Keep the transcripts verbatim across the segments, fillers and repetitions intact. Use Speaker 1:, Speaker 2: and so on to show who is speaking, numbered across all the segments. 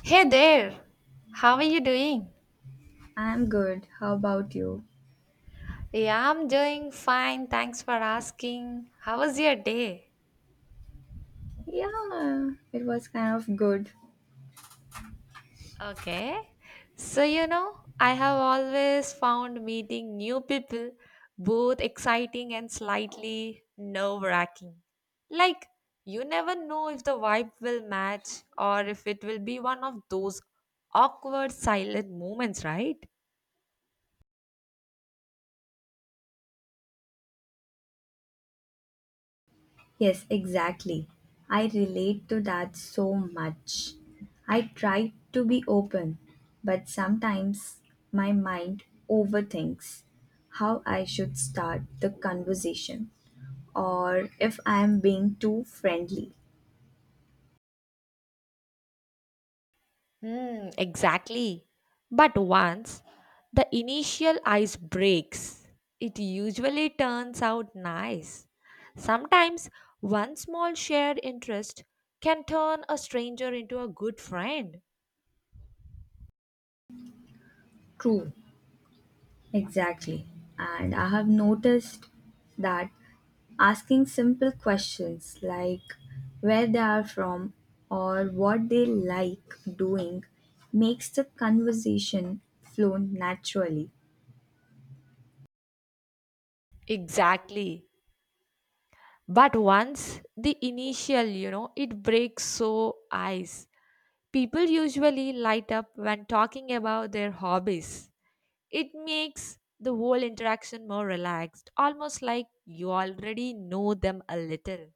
Speaker 1: Hey there, how are you doing?
Speaker 2: I'm good. How about you?
Speaker 1: Yeah, I'm doing fine. Thanks for asking. How was your day?
Speaker 2: Yeah, it was kind of good.
Speaker 1: Okay. So, you know, I have always found meeting new people both exciting and slightly nerve wracking. Like, you never know if the vibe will match or if it will be one of those awkward silent moments, right?
Speaker 2: Yes, exactly. I relate to that so much. I try to be open, but sometimes my mind overthinks how I should start the conversation or if I am being too friendly.
Speaker 1: Hmm, exactly. But once the initial ice breaks, it usually turns out nice. Sometimes one small shared interest can turn a stranger into a good friend.
Speaker 2: True. Exactly. And I have noticed that asking simple questions like where they are from or what they like doing makes the conversation flow naturally.
Speaker 1: Exactly. But once the initial, you know, it breaks so ice. People usually light up when talking about their hobbies. It makes the whole interaction more relaxed, almost like you already know them a little.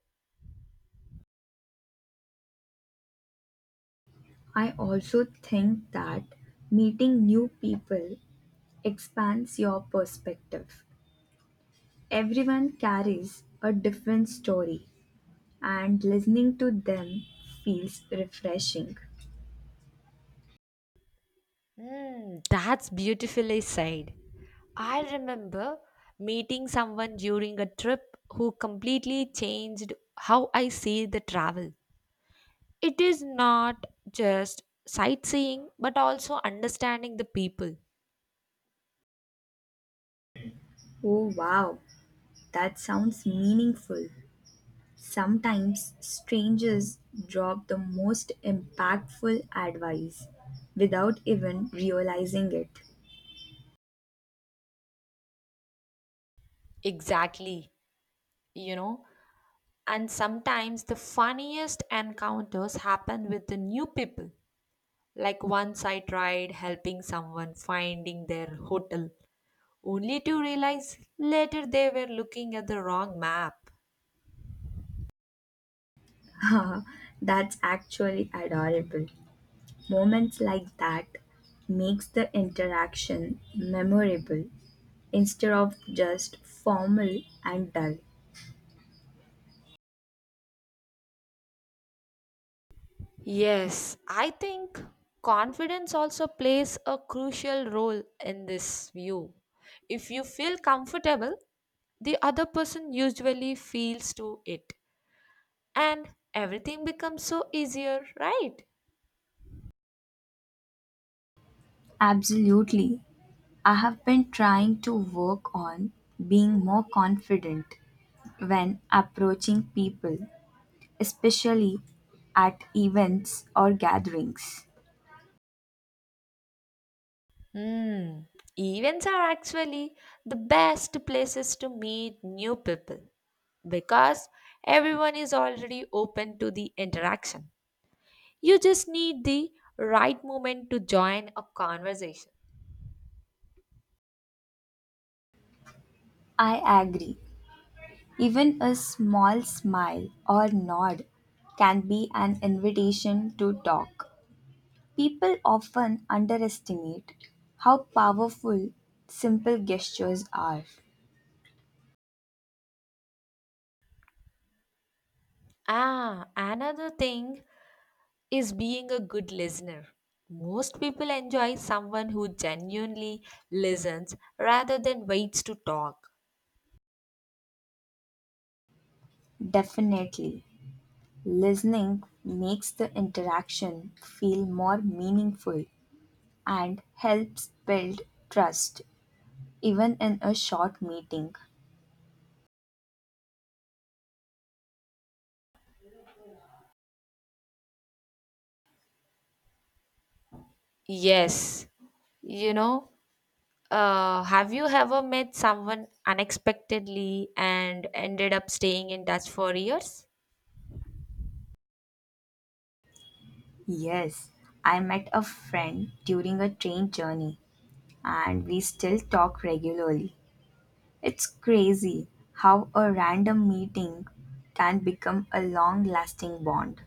Speaker 2: I also think that meeting new people expands your perspective. Everyone carries a different story, and listening to them feels refreshing.
Speaker 1: Hmm, that's beautifully said. I remember meeting someone during a trip who completely changed how I see the travel. It is not just sightseeing, but also understanding the people.
Speaker 2: Oh wow, that sounds meaningful. Sometimes strangers drop the most impactful advice without even realizing
Speaker 1: Exactly, you know. And sometimes the funniest encounters happen with the new people. Like once I tried helping someone finding their hotel, only to realize later they were looking at the wrong map.
Speaker 2: it. That's actually adorable. Moments like that makes the interaction memorable instead of just formal and dull.
Speaker 1: Yes, I think confidence also plays a crucial role in this view. If you feel comfortable, the other person usually feels to it, and everything becomes so easier, right?
Speaker 2: Absolutely. I have been trying to work on being more confident when approaching people, especially at events or gatherings.
Speaker 1: hmm Events are actually the best places to meet new people because everyone is already open to the interaction. You just need the right moment to join a conversation.
Speaker 2: I agree. Even a small smile or nod can be an invitation to talk. People often underestimate how powerful simple gestures are.
Speaker 1: Ah, another thing is being a good listener. Most people enjoy someone who genuinely listens rather than waits to talk.
Speaker 2: Definitely, listening makes the interaction feel more meaningful and helps build trust even in a short meeting.
Speaker 1: Yes, you know, uh, have you ever met someone unexpectedly and ended up staying in touch for years?
Speaker 2: Yes, I met a friend during a train journey and we still talk regularly. It's crazy how a random meeting can become a long lasting bond.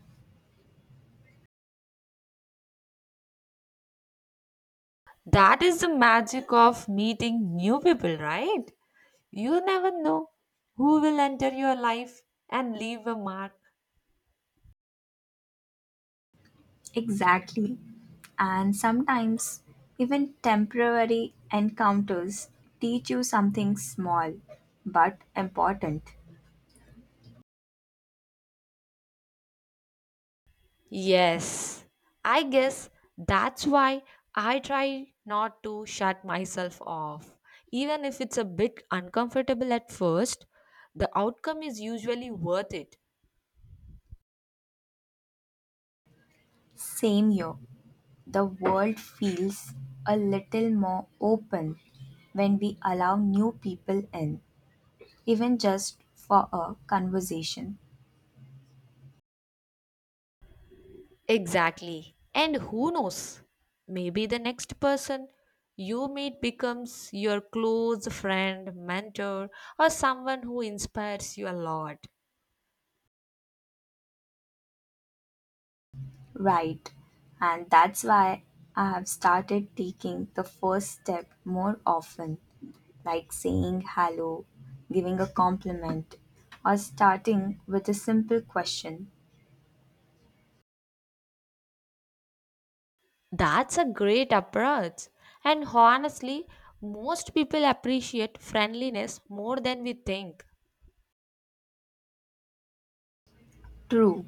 Speaker 1: That is the magic of meeting new people, right? You never know who will enter your life and leave a mark.
Speaker 2: Exactly. And sometimes even temporary encounters teach you something small but important.
Speaker 1: Yes, I guess that's why I try not to shut myself off. Even if it's a bit uncomfortable at first, the outcome is usually worth it.
Speaker 2: Same year, the world feels a little more open when we allow new people in, even just for a conversation,
Speaker 1: Exactly. And who knows? Maybe the next person you meet becomes your close friend, mentor, or someone who inspires you a lot.
Speaker 2: right? And that's why I have started taking the first step more often, like saying hello, giving a compliment, or starting with a simple question.
Speaker 1: That's a great approach. And honestly, most people appreciate friendliness more than we think.
Speaker 2: True.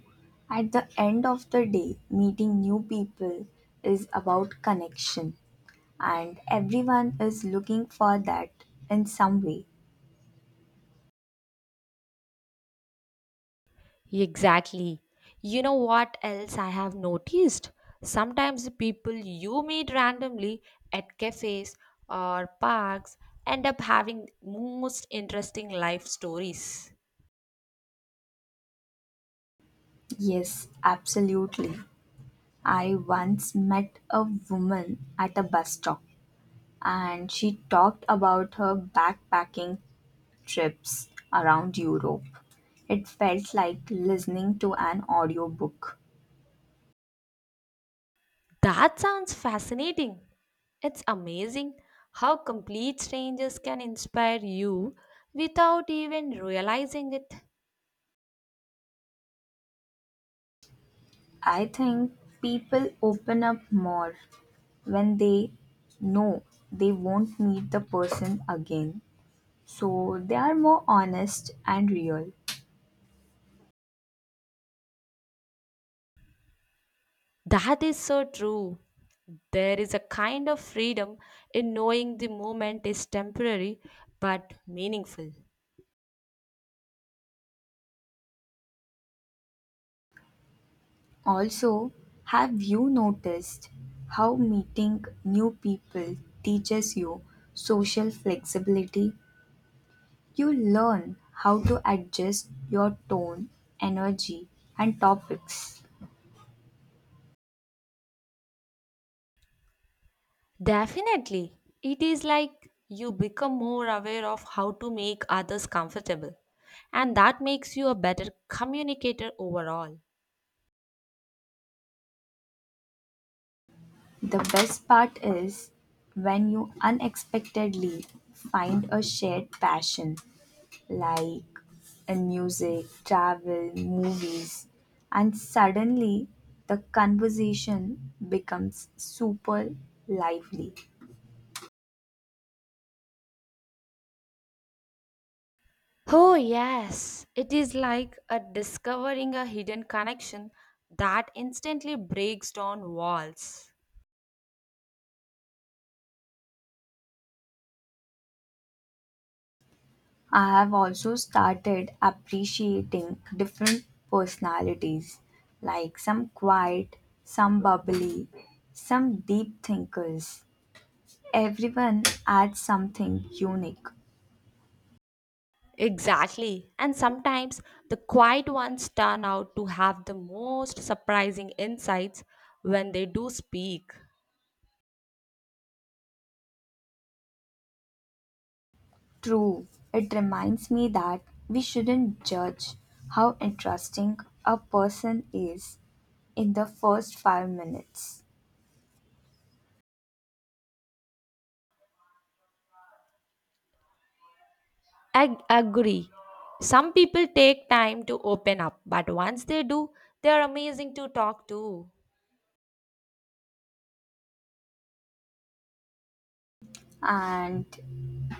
Speaker 2: At the end of the day, meeting new people is about connection, and everyone is looking for that in some way.
Speaker 1: Exactly. You know what else I have noticed? Sometimes the people you meet randomly at cafes or parks end up having most interesting life stories.
Speaker 2: Yes, absolutely. I once met a woman at a bus stop, and she talked about her backpacking trips around Europe. It felt like listening to an audiobook.
Speaker 1: That sounds fascinating. It's amazing how complete strangers can inspire you without even realizing it.
Speaker 2: I think people open up more when they know they won't meet the person again. So they are more honest and real.
Speaker 1: That is so true. There is a kind of freedom in knowing the moment is temporary but meaningful.
Speaker 2: Also, have you noticed how meeting new people teaches you social flexibility? You learn how to adjust your tone, energy, and topics.
Speaker 1: Definitely. It is like you become more aware of how to make others comfortable, and that makes you a better communicator overall.
Speaker 2: The best part is when you unexpectedly find a shared passion, like in music, travel, movies, and suddenly the conversation becomes super lively.
Speaker 1: Oh, yes. It is like a discovering a hidden connection that instantly breaks down walls.
Speaker 2: I have also started appreciating different personalities, like some quiet, some bubbly, some deep thinkers. Everyone adds something unique.
Speaker 1: Exactly. And sometimes the quiet ones turn out to have the most surprising insights when they do speak.
Speaker 2: True, it reminds me that we shouldn't judge how interesting a person is in the first five minutes.
Speaker 1: I agree. Some people take time to open up, but once they do, they are amazing to talk to.
Speaker 2: And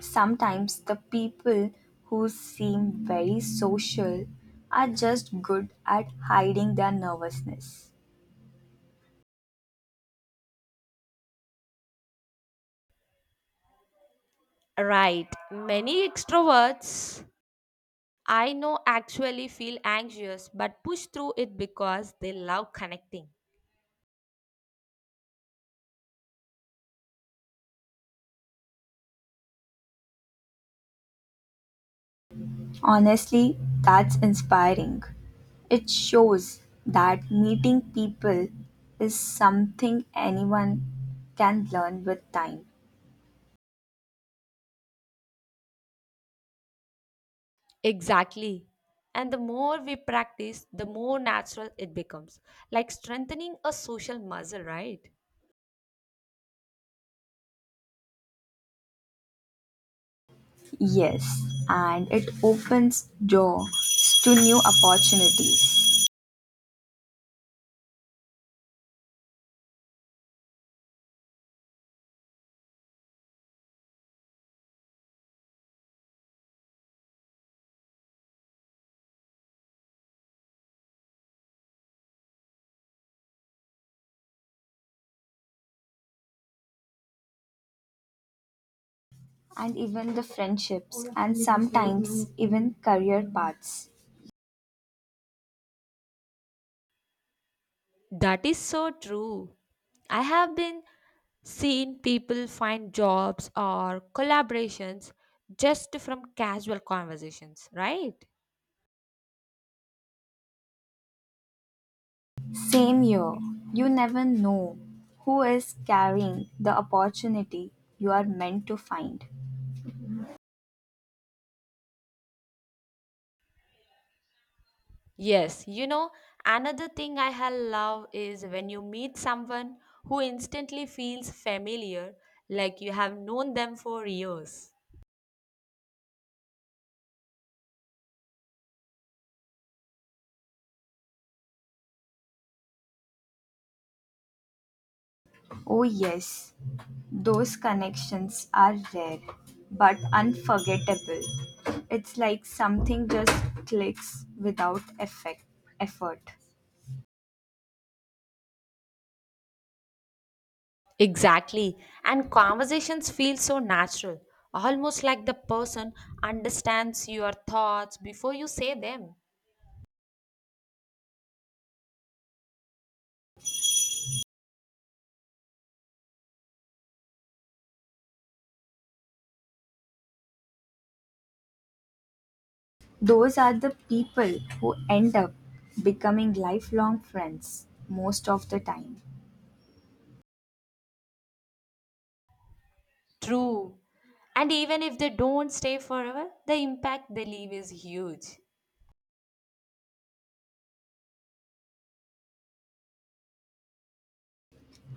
Speaker 2: sometimes the people who seem very social are just good at hiding their nervousness.
Speaker 1: Right. Many extroverts I know actually feel anxious but push through it because they love connecting.
Speaker 2: Honestly, that's inspiring. It shows that meeting people is something anyone can learn with time.
Speaker 1: Exactly. And the more we practice, the more natural it becomes, like strengthening a social muscle, right?
Speaker 2: Yes, and it opens doors to new opportunities and even the friendships and sometimes even career paths.
Speaker 1: That is so true. I have been seeing people find jobs or collaborations just from casual conversations, right?
Speaker 2: Same year, you never know who is carrying the opportunity you are meant to find.
Speaker 1: Yes, you know, another thing I have love is when you meet someone who instantly feels familiar, like you have known them for years.
Speaker 2: Oh, yes, those connections are rare but unforgettable. It's like something just clicks without effect, effort.
Speaker 1: Exactly. And conversations feel so natural, almost like the person understands your thoughts before you say them.
Speaker 2: Those are the people who end up becoming lifelong friends most of the time.
Speaker 1: True. And even if they don't stay forever, the impact they leave is huge.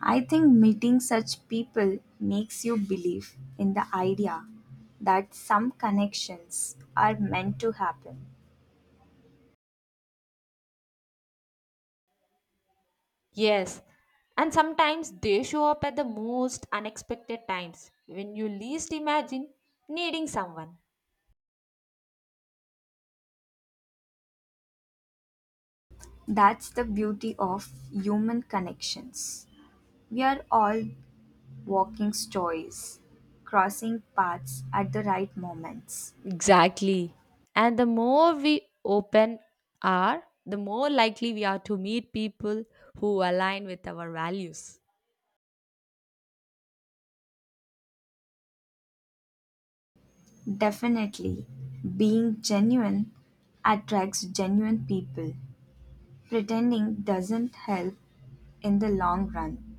Speaker 2: I think meeting such people makes you believe in the idea that some connections are meant to happen.
Speaker 1: Yes. And sometimes they show up at the most unexpected times when you least imagine needing someone.
Speaker 2: That's the beauty of human connections. We are all walking stories, crossing paths at the right moments.
Speaker 1: Exactly. And the more we open are, the more likely we are to meet people who align with our values.
Speaker 2: Definitely, being genuine attracts genuine people. Pretending doesn't help in the long run.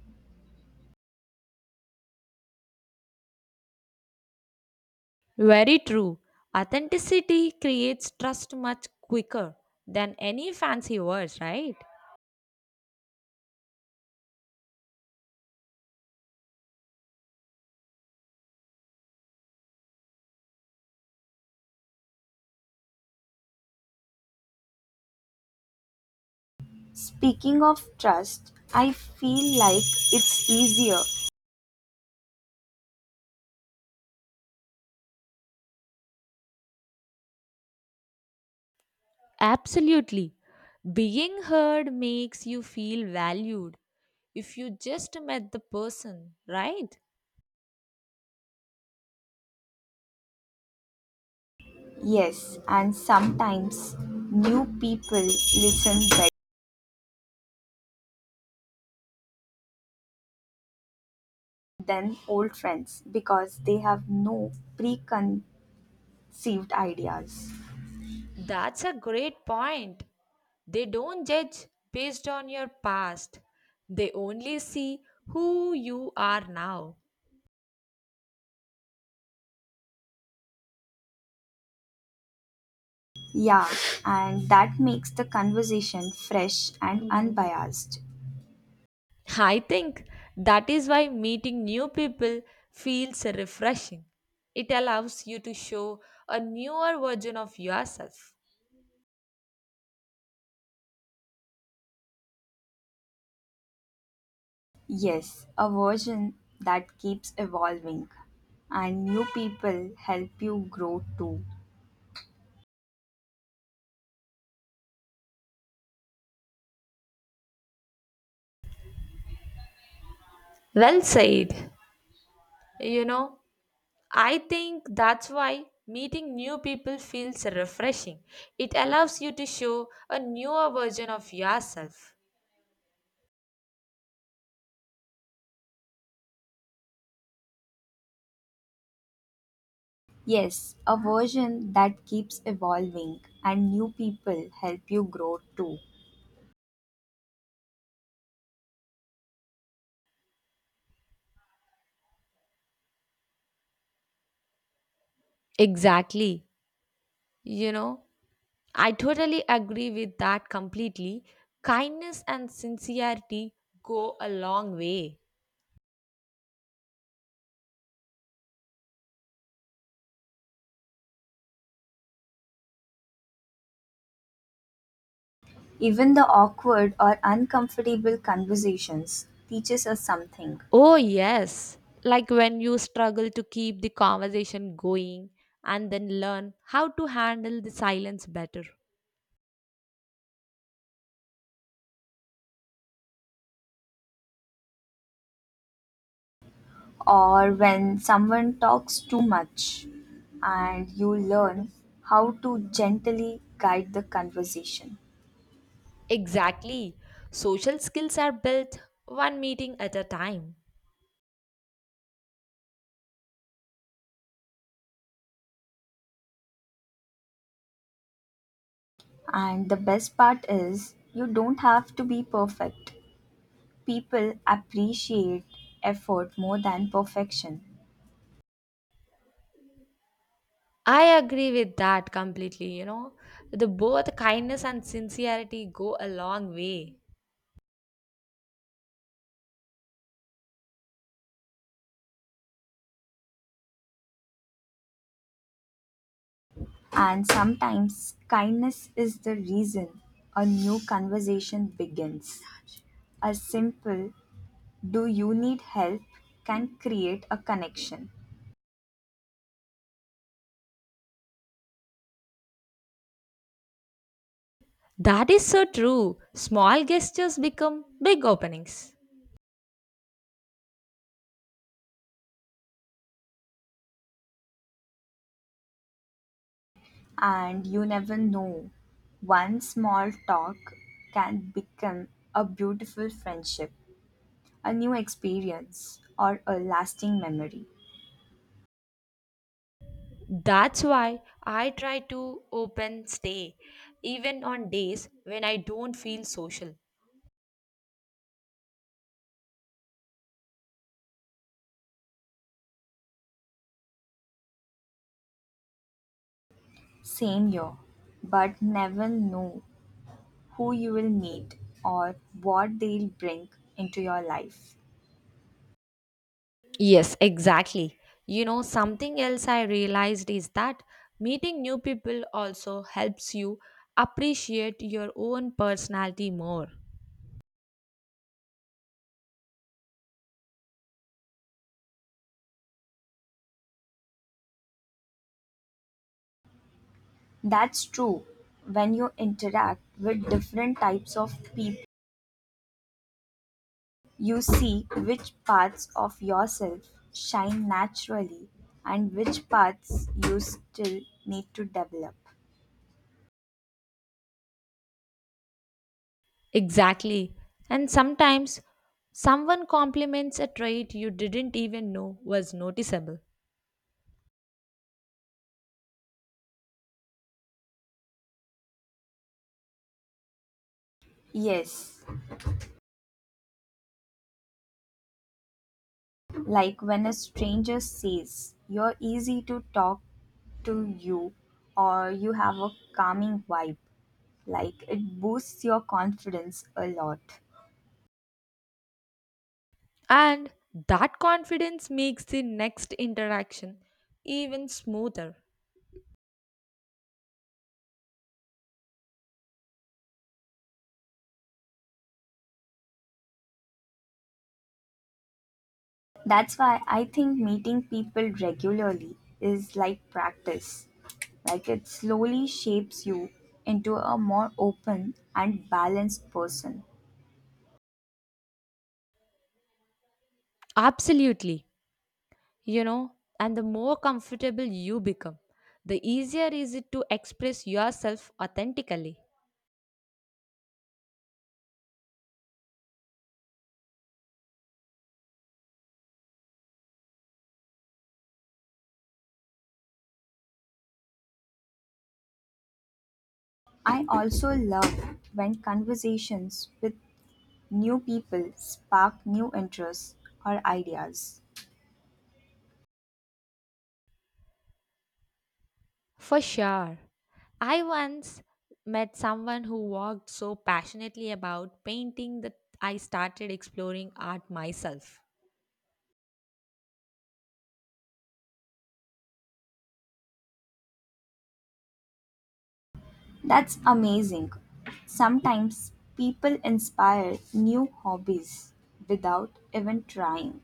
Speaker 1: Very true. Authenticity creates trust much quicker than any fancy words, right?
Speaker 2: Speaking of trust, I feel like it's easier.
Speaker 1: Absolutely. Being heard makes you feel valued if you just met the person, right?
Speaker 2: Yes, and sometimes new people listen better than old friends because they have no preconceived ideas.
Speaker 1: That's a great point. They don't judge based on your past, they only see who you are now.
Speaker 2: Yeah, and that makes the conversation fresh and unbiased.
Speaker 1: I think that is why meeting new people feels refreshing. It allows you to show a newer version of yourself.
Speaker 2: Yes, a version that keeps evolving, and new people help you grow too.
Speaker 1: Well said. You know, I think that's why meeting new people feels refreshing. It allows you to show a newer version of yourself.
Speaker 2: Yes, a version that keeps evolving, and new people help you grow too.
Speaker 1: Exactly. You know, I totally agree with that completely. Kindness and sincerity go a long way.
Speaker 2: Even the awkward or uncomfortable conversations teaches us something.
Speaker 1: Oh, yes. Like when you struggle to keep the conversation going and then learn how to handle the silence better.
Speaker 2: Or when someone talks too much, and you learn how to gently guide the conversation.
Speaker 1: Exactly. Social skills are built one meeting at a time.
Speaker 2: And the best part is, you don't have to be perfect. People appreciate effort more than perfection.
Speaker 1: I agree with that completely, you know. The both kindness and sincerity go a long way.
Speaker 2: And sometimes kindness is the reason a new conversation begins. A simple, do you need help, can create a connection.
Speaker 1: That is so true. Small gestures become big openings.
Speaker 2: And you never know, one small talk can become a beautiful friendship, a new experience, or a lasting memory.
Speaker 1: That's why I try to open stay even on days when I don't feel social.
Speaker 2: Same year, but never know who you will meet or what they'll bring into your life.
Speaker 1: Yes, exactly. You know, something else I realized is that meeting new people also helps you appreciate your own personality more.
Speaker 2: That's true. When you interact with different types of people, you see which parts of yourself shine naturally and which parts you still need to develop.
Speaker 1: Exactly. And sometimes someone compliments a trait you didn't even know was noticeable.
Speaker 2: Yes, like when a stranger says you're easy to talk to you or you have a calming vibe, like it boosts your confidence a lot.
Speaker 1: And that confidence makes the next interaction even smoother.
Speaker 2: That's why I think meeting people regularly is like practice. Like it slowly shapes you into a more open and balanced person.
Speaker 1: Absolutely. You know, and the more comfortable you become, the easier is it to express yourself authentically.
Speaker 2: I also love when conversations with new people spark new interests or ideas.
Speaker 1: For sure. I once met someone who walked so passionately about painting that I started exploring art myself.
Speaker 2: That's amazing. Sometimes people inspire new hobbies without even trying.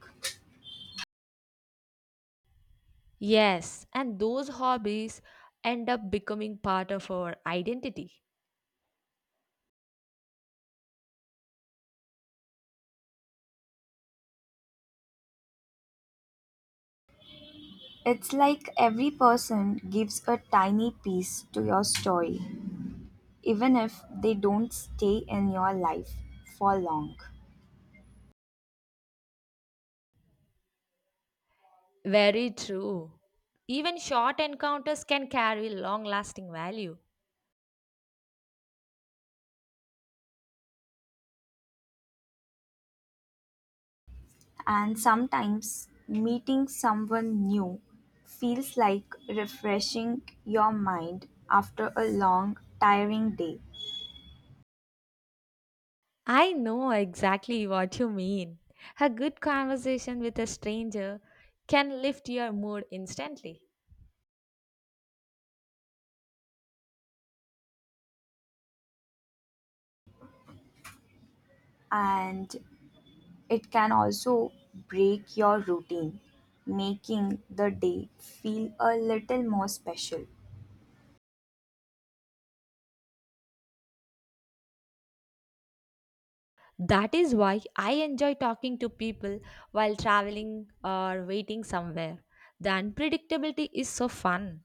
Speaker 1: Yes, and those hobbies end up becoming part of our identity.
Speaker 2: It's like every person gives a tiny piece to your story, even if they don't stay in your life for long.
Speaker 1: Very true. Even short encounters can carry long lasting value.
Speaker 2: And sometimes meeting someone new feels like refreshing your mind after a long, tiring day.
Speaker 1: I know exactly what you mean. A good conversation with a stranger can lift your mood instantly.
Speaker 2: And it can also break your routine, making the day feel a little more special.
Speaker 1: That is why I enjoy talking to people while traveling or waiting somewhere. The unpredictability is so fun.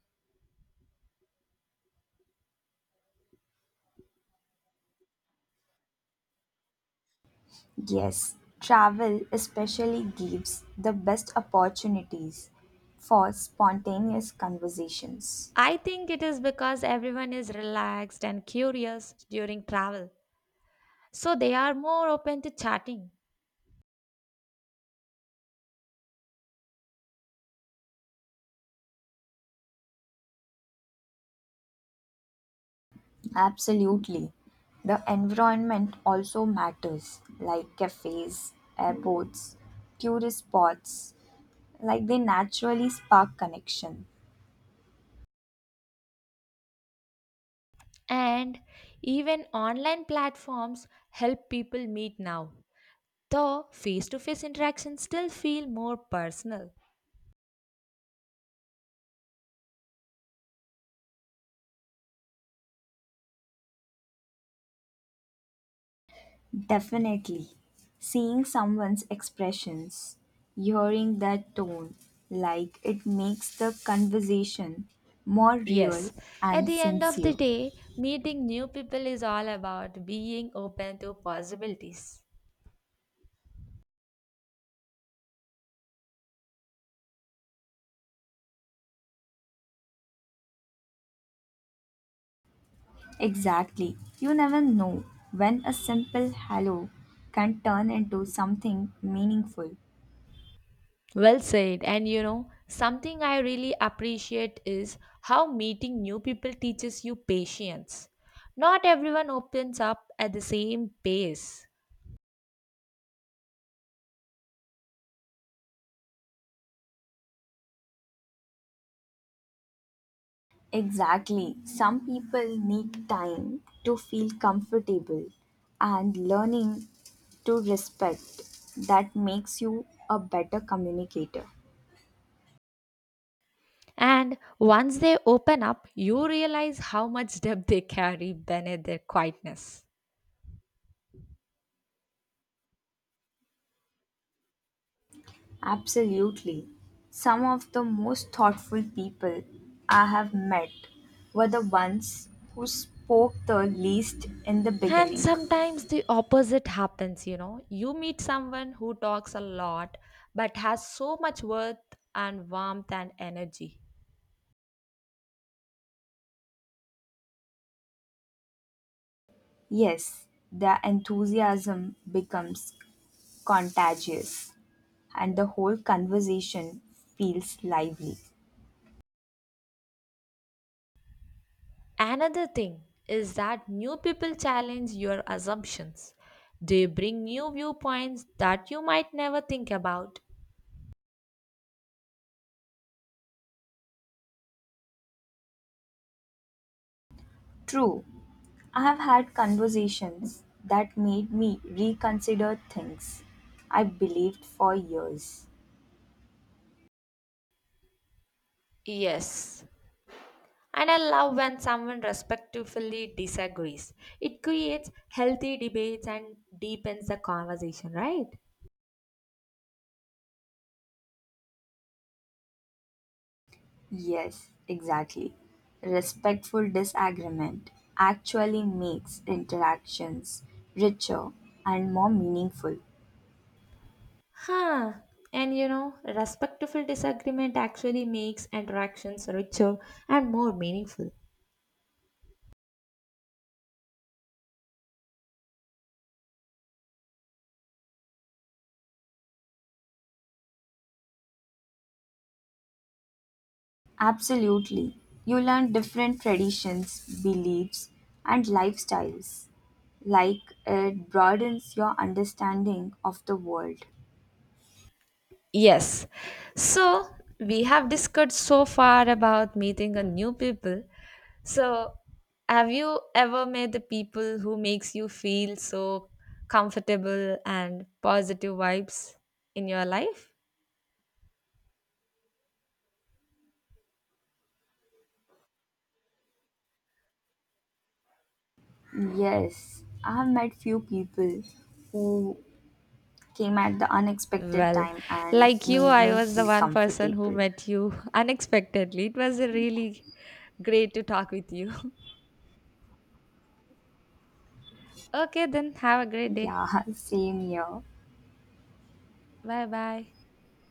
Speaker 2: Yes, travel especially gives the best opportunities for spontaneous conversations.
Speaker 1: I think it is because everyone is relaxed and curious during travel, so they are more open to chatting.
Speaker 2: Absolutely. The environment also matters, like cafes, airports, tourist spots, like they naturally spark connection.
Speaker 1: And even online platforms help people meet now. Though face to face interactions still feel more personal.
Speaker 2: Definitely. Seeing someone's expressions, hearing that tone, like it makes the conversation more real
Speaker 1: Yes, at
Speaker 2: and
Speaker 1: the end of the
Speaker 2: sincere.
Speaker 1: day, meeting new people is all about being open to possibilities.
Speaker 2: Exactly. You never know when a simple hello can turn into something meaningful.
Speaker 1: Well said, and you know, something I really appreciate is how meeting new people teaches you patience. Not everyone opens up at the same pace.
Speaker 2: Exactly. Some people need time to feel comfortable and learning to respect that makes you a better communicator.
Speaker 1: And once they open up, you realize how much depth they carry beneath their quietness.
Speaker 2: Absolutely. Some of the most thoughtful people I have met were the ones who spoke the least in the
Speaker 1: And
Speaker 2: beginning.
Speaker 1: sometimes the opposite happens, you know. You meet someone who talks a lot but has so much worth and warmth and energy.
Speaker 2: Yes, the enthusiasm becomes contagious and the whole conversation feels lively.
Speaker 1: Another thing is that new people challenge your assumptions. They bring new viewpoints that you might never think about.
Speaker 2: True, I have had conversations that made me reconsider things I believed for years.
Speaker 1: Yes, and I love when someone respectfully disagrees. It creates healthy debates and deepens the conversation, right?
Speaker 2: Yes, exactly. Respectful disagreement actually makes interactions richer and more meaningful.
Speaker 1: Huh. And you know, respectful disagreement actually makes interactions richer and more meaningful.
Speaker 2: Absolutely. You learn different traditions, beliefs, and lifestyles. Like it broadens your understanding of the world.
Speaker 1: Yes. So, we have discussed so far about meeting a new people. So, have you ever met the people who makes you feel so comfortable and positive vibes in your life?
Speaker 2: Yes, I have met few people who came at the unexpected
Speaker 1: Well,
Speaker 2: time and
Speaker 1: like you,
Speaker 2: made
Speaker 1: I
Speaker 2: me
Speaker 1: was the
Speaker 2: feel
Speaker 1: one person who
Speaker 2: comfortable.
Speaker 1: met you unexpectedly. It was really great to talk with you. Okay, then have a great day.
Speaker 2: Yeah, same here.
Speaker 1: Bye bye.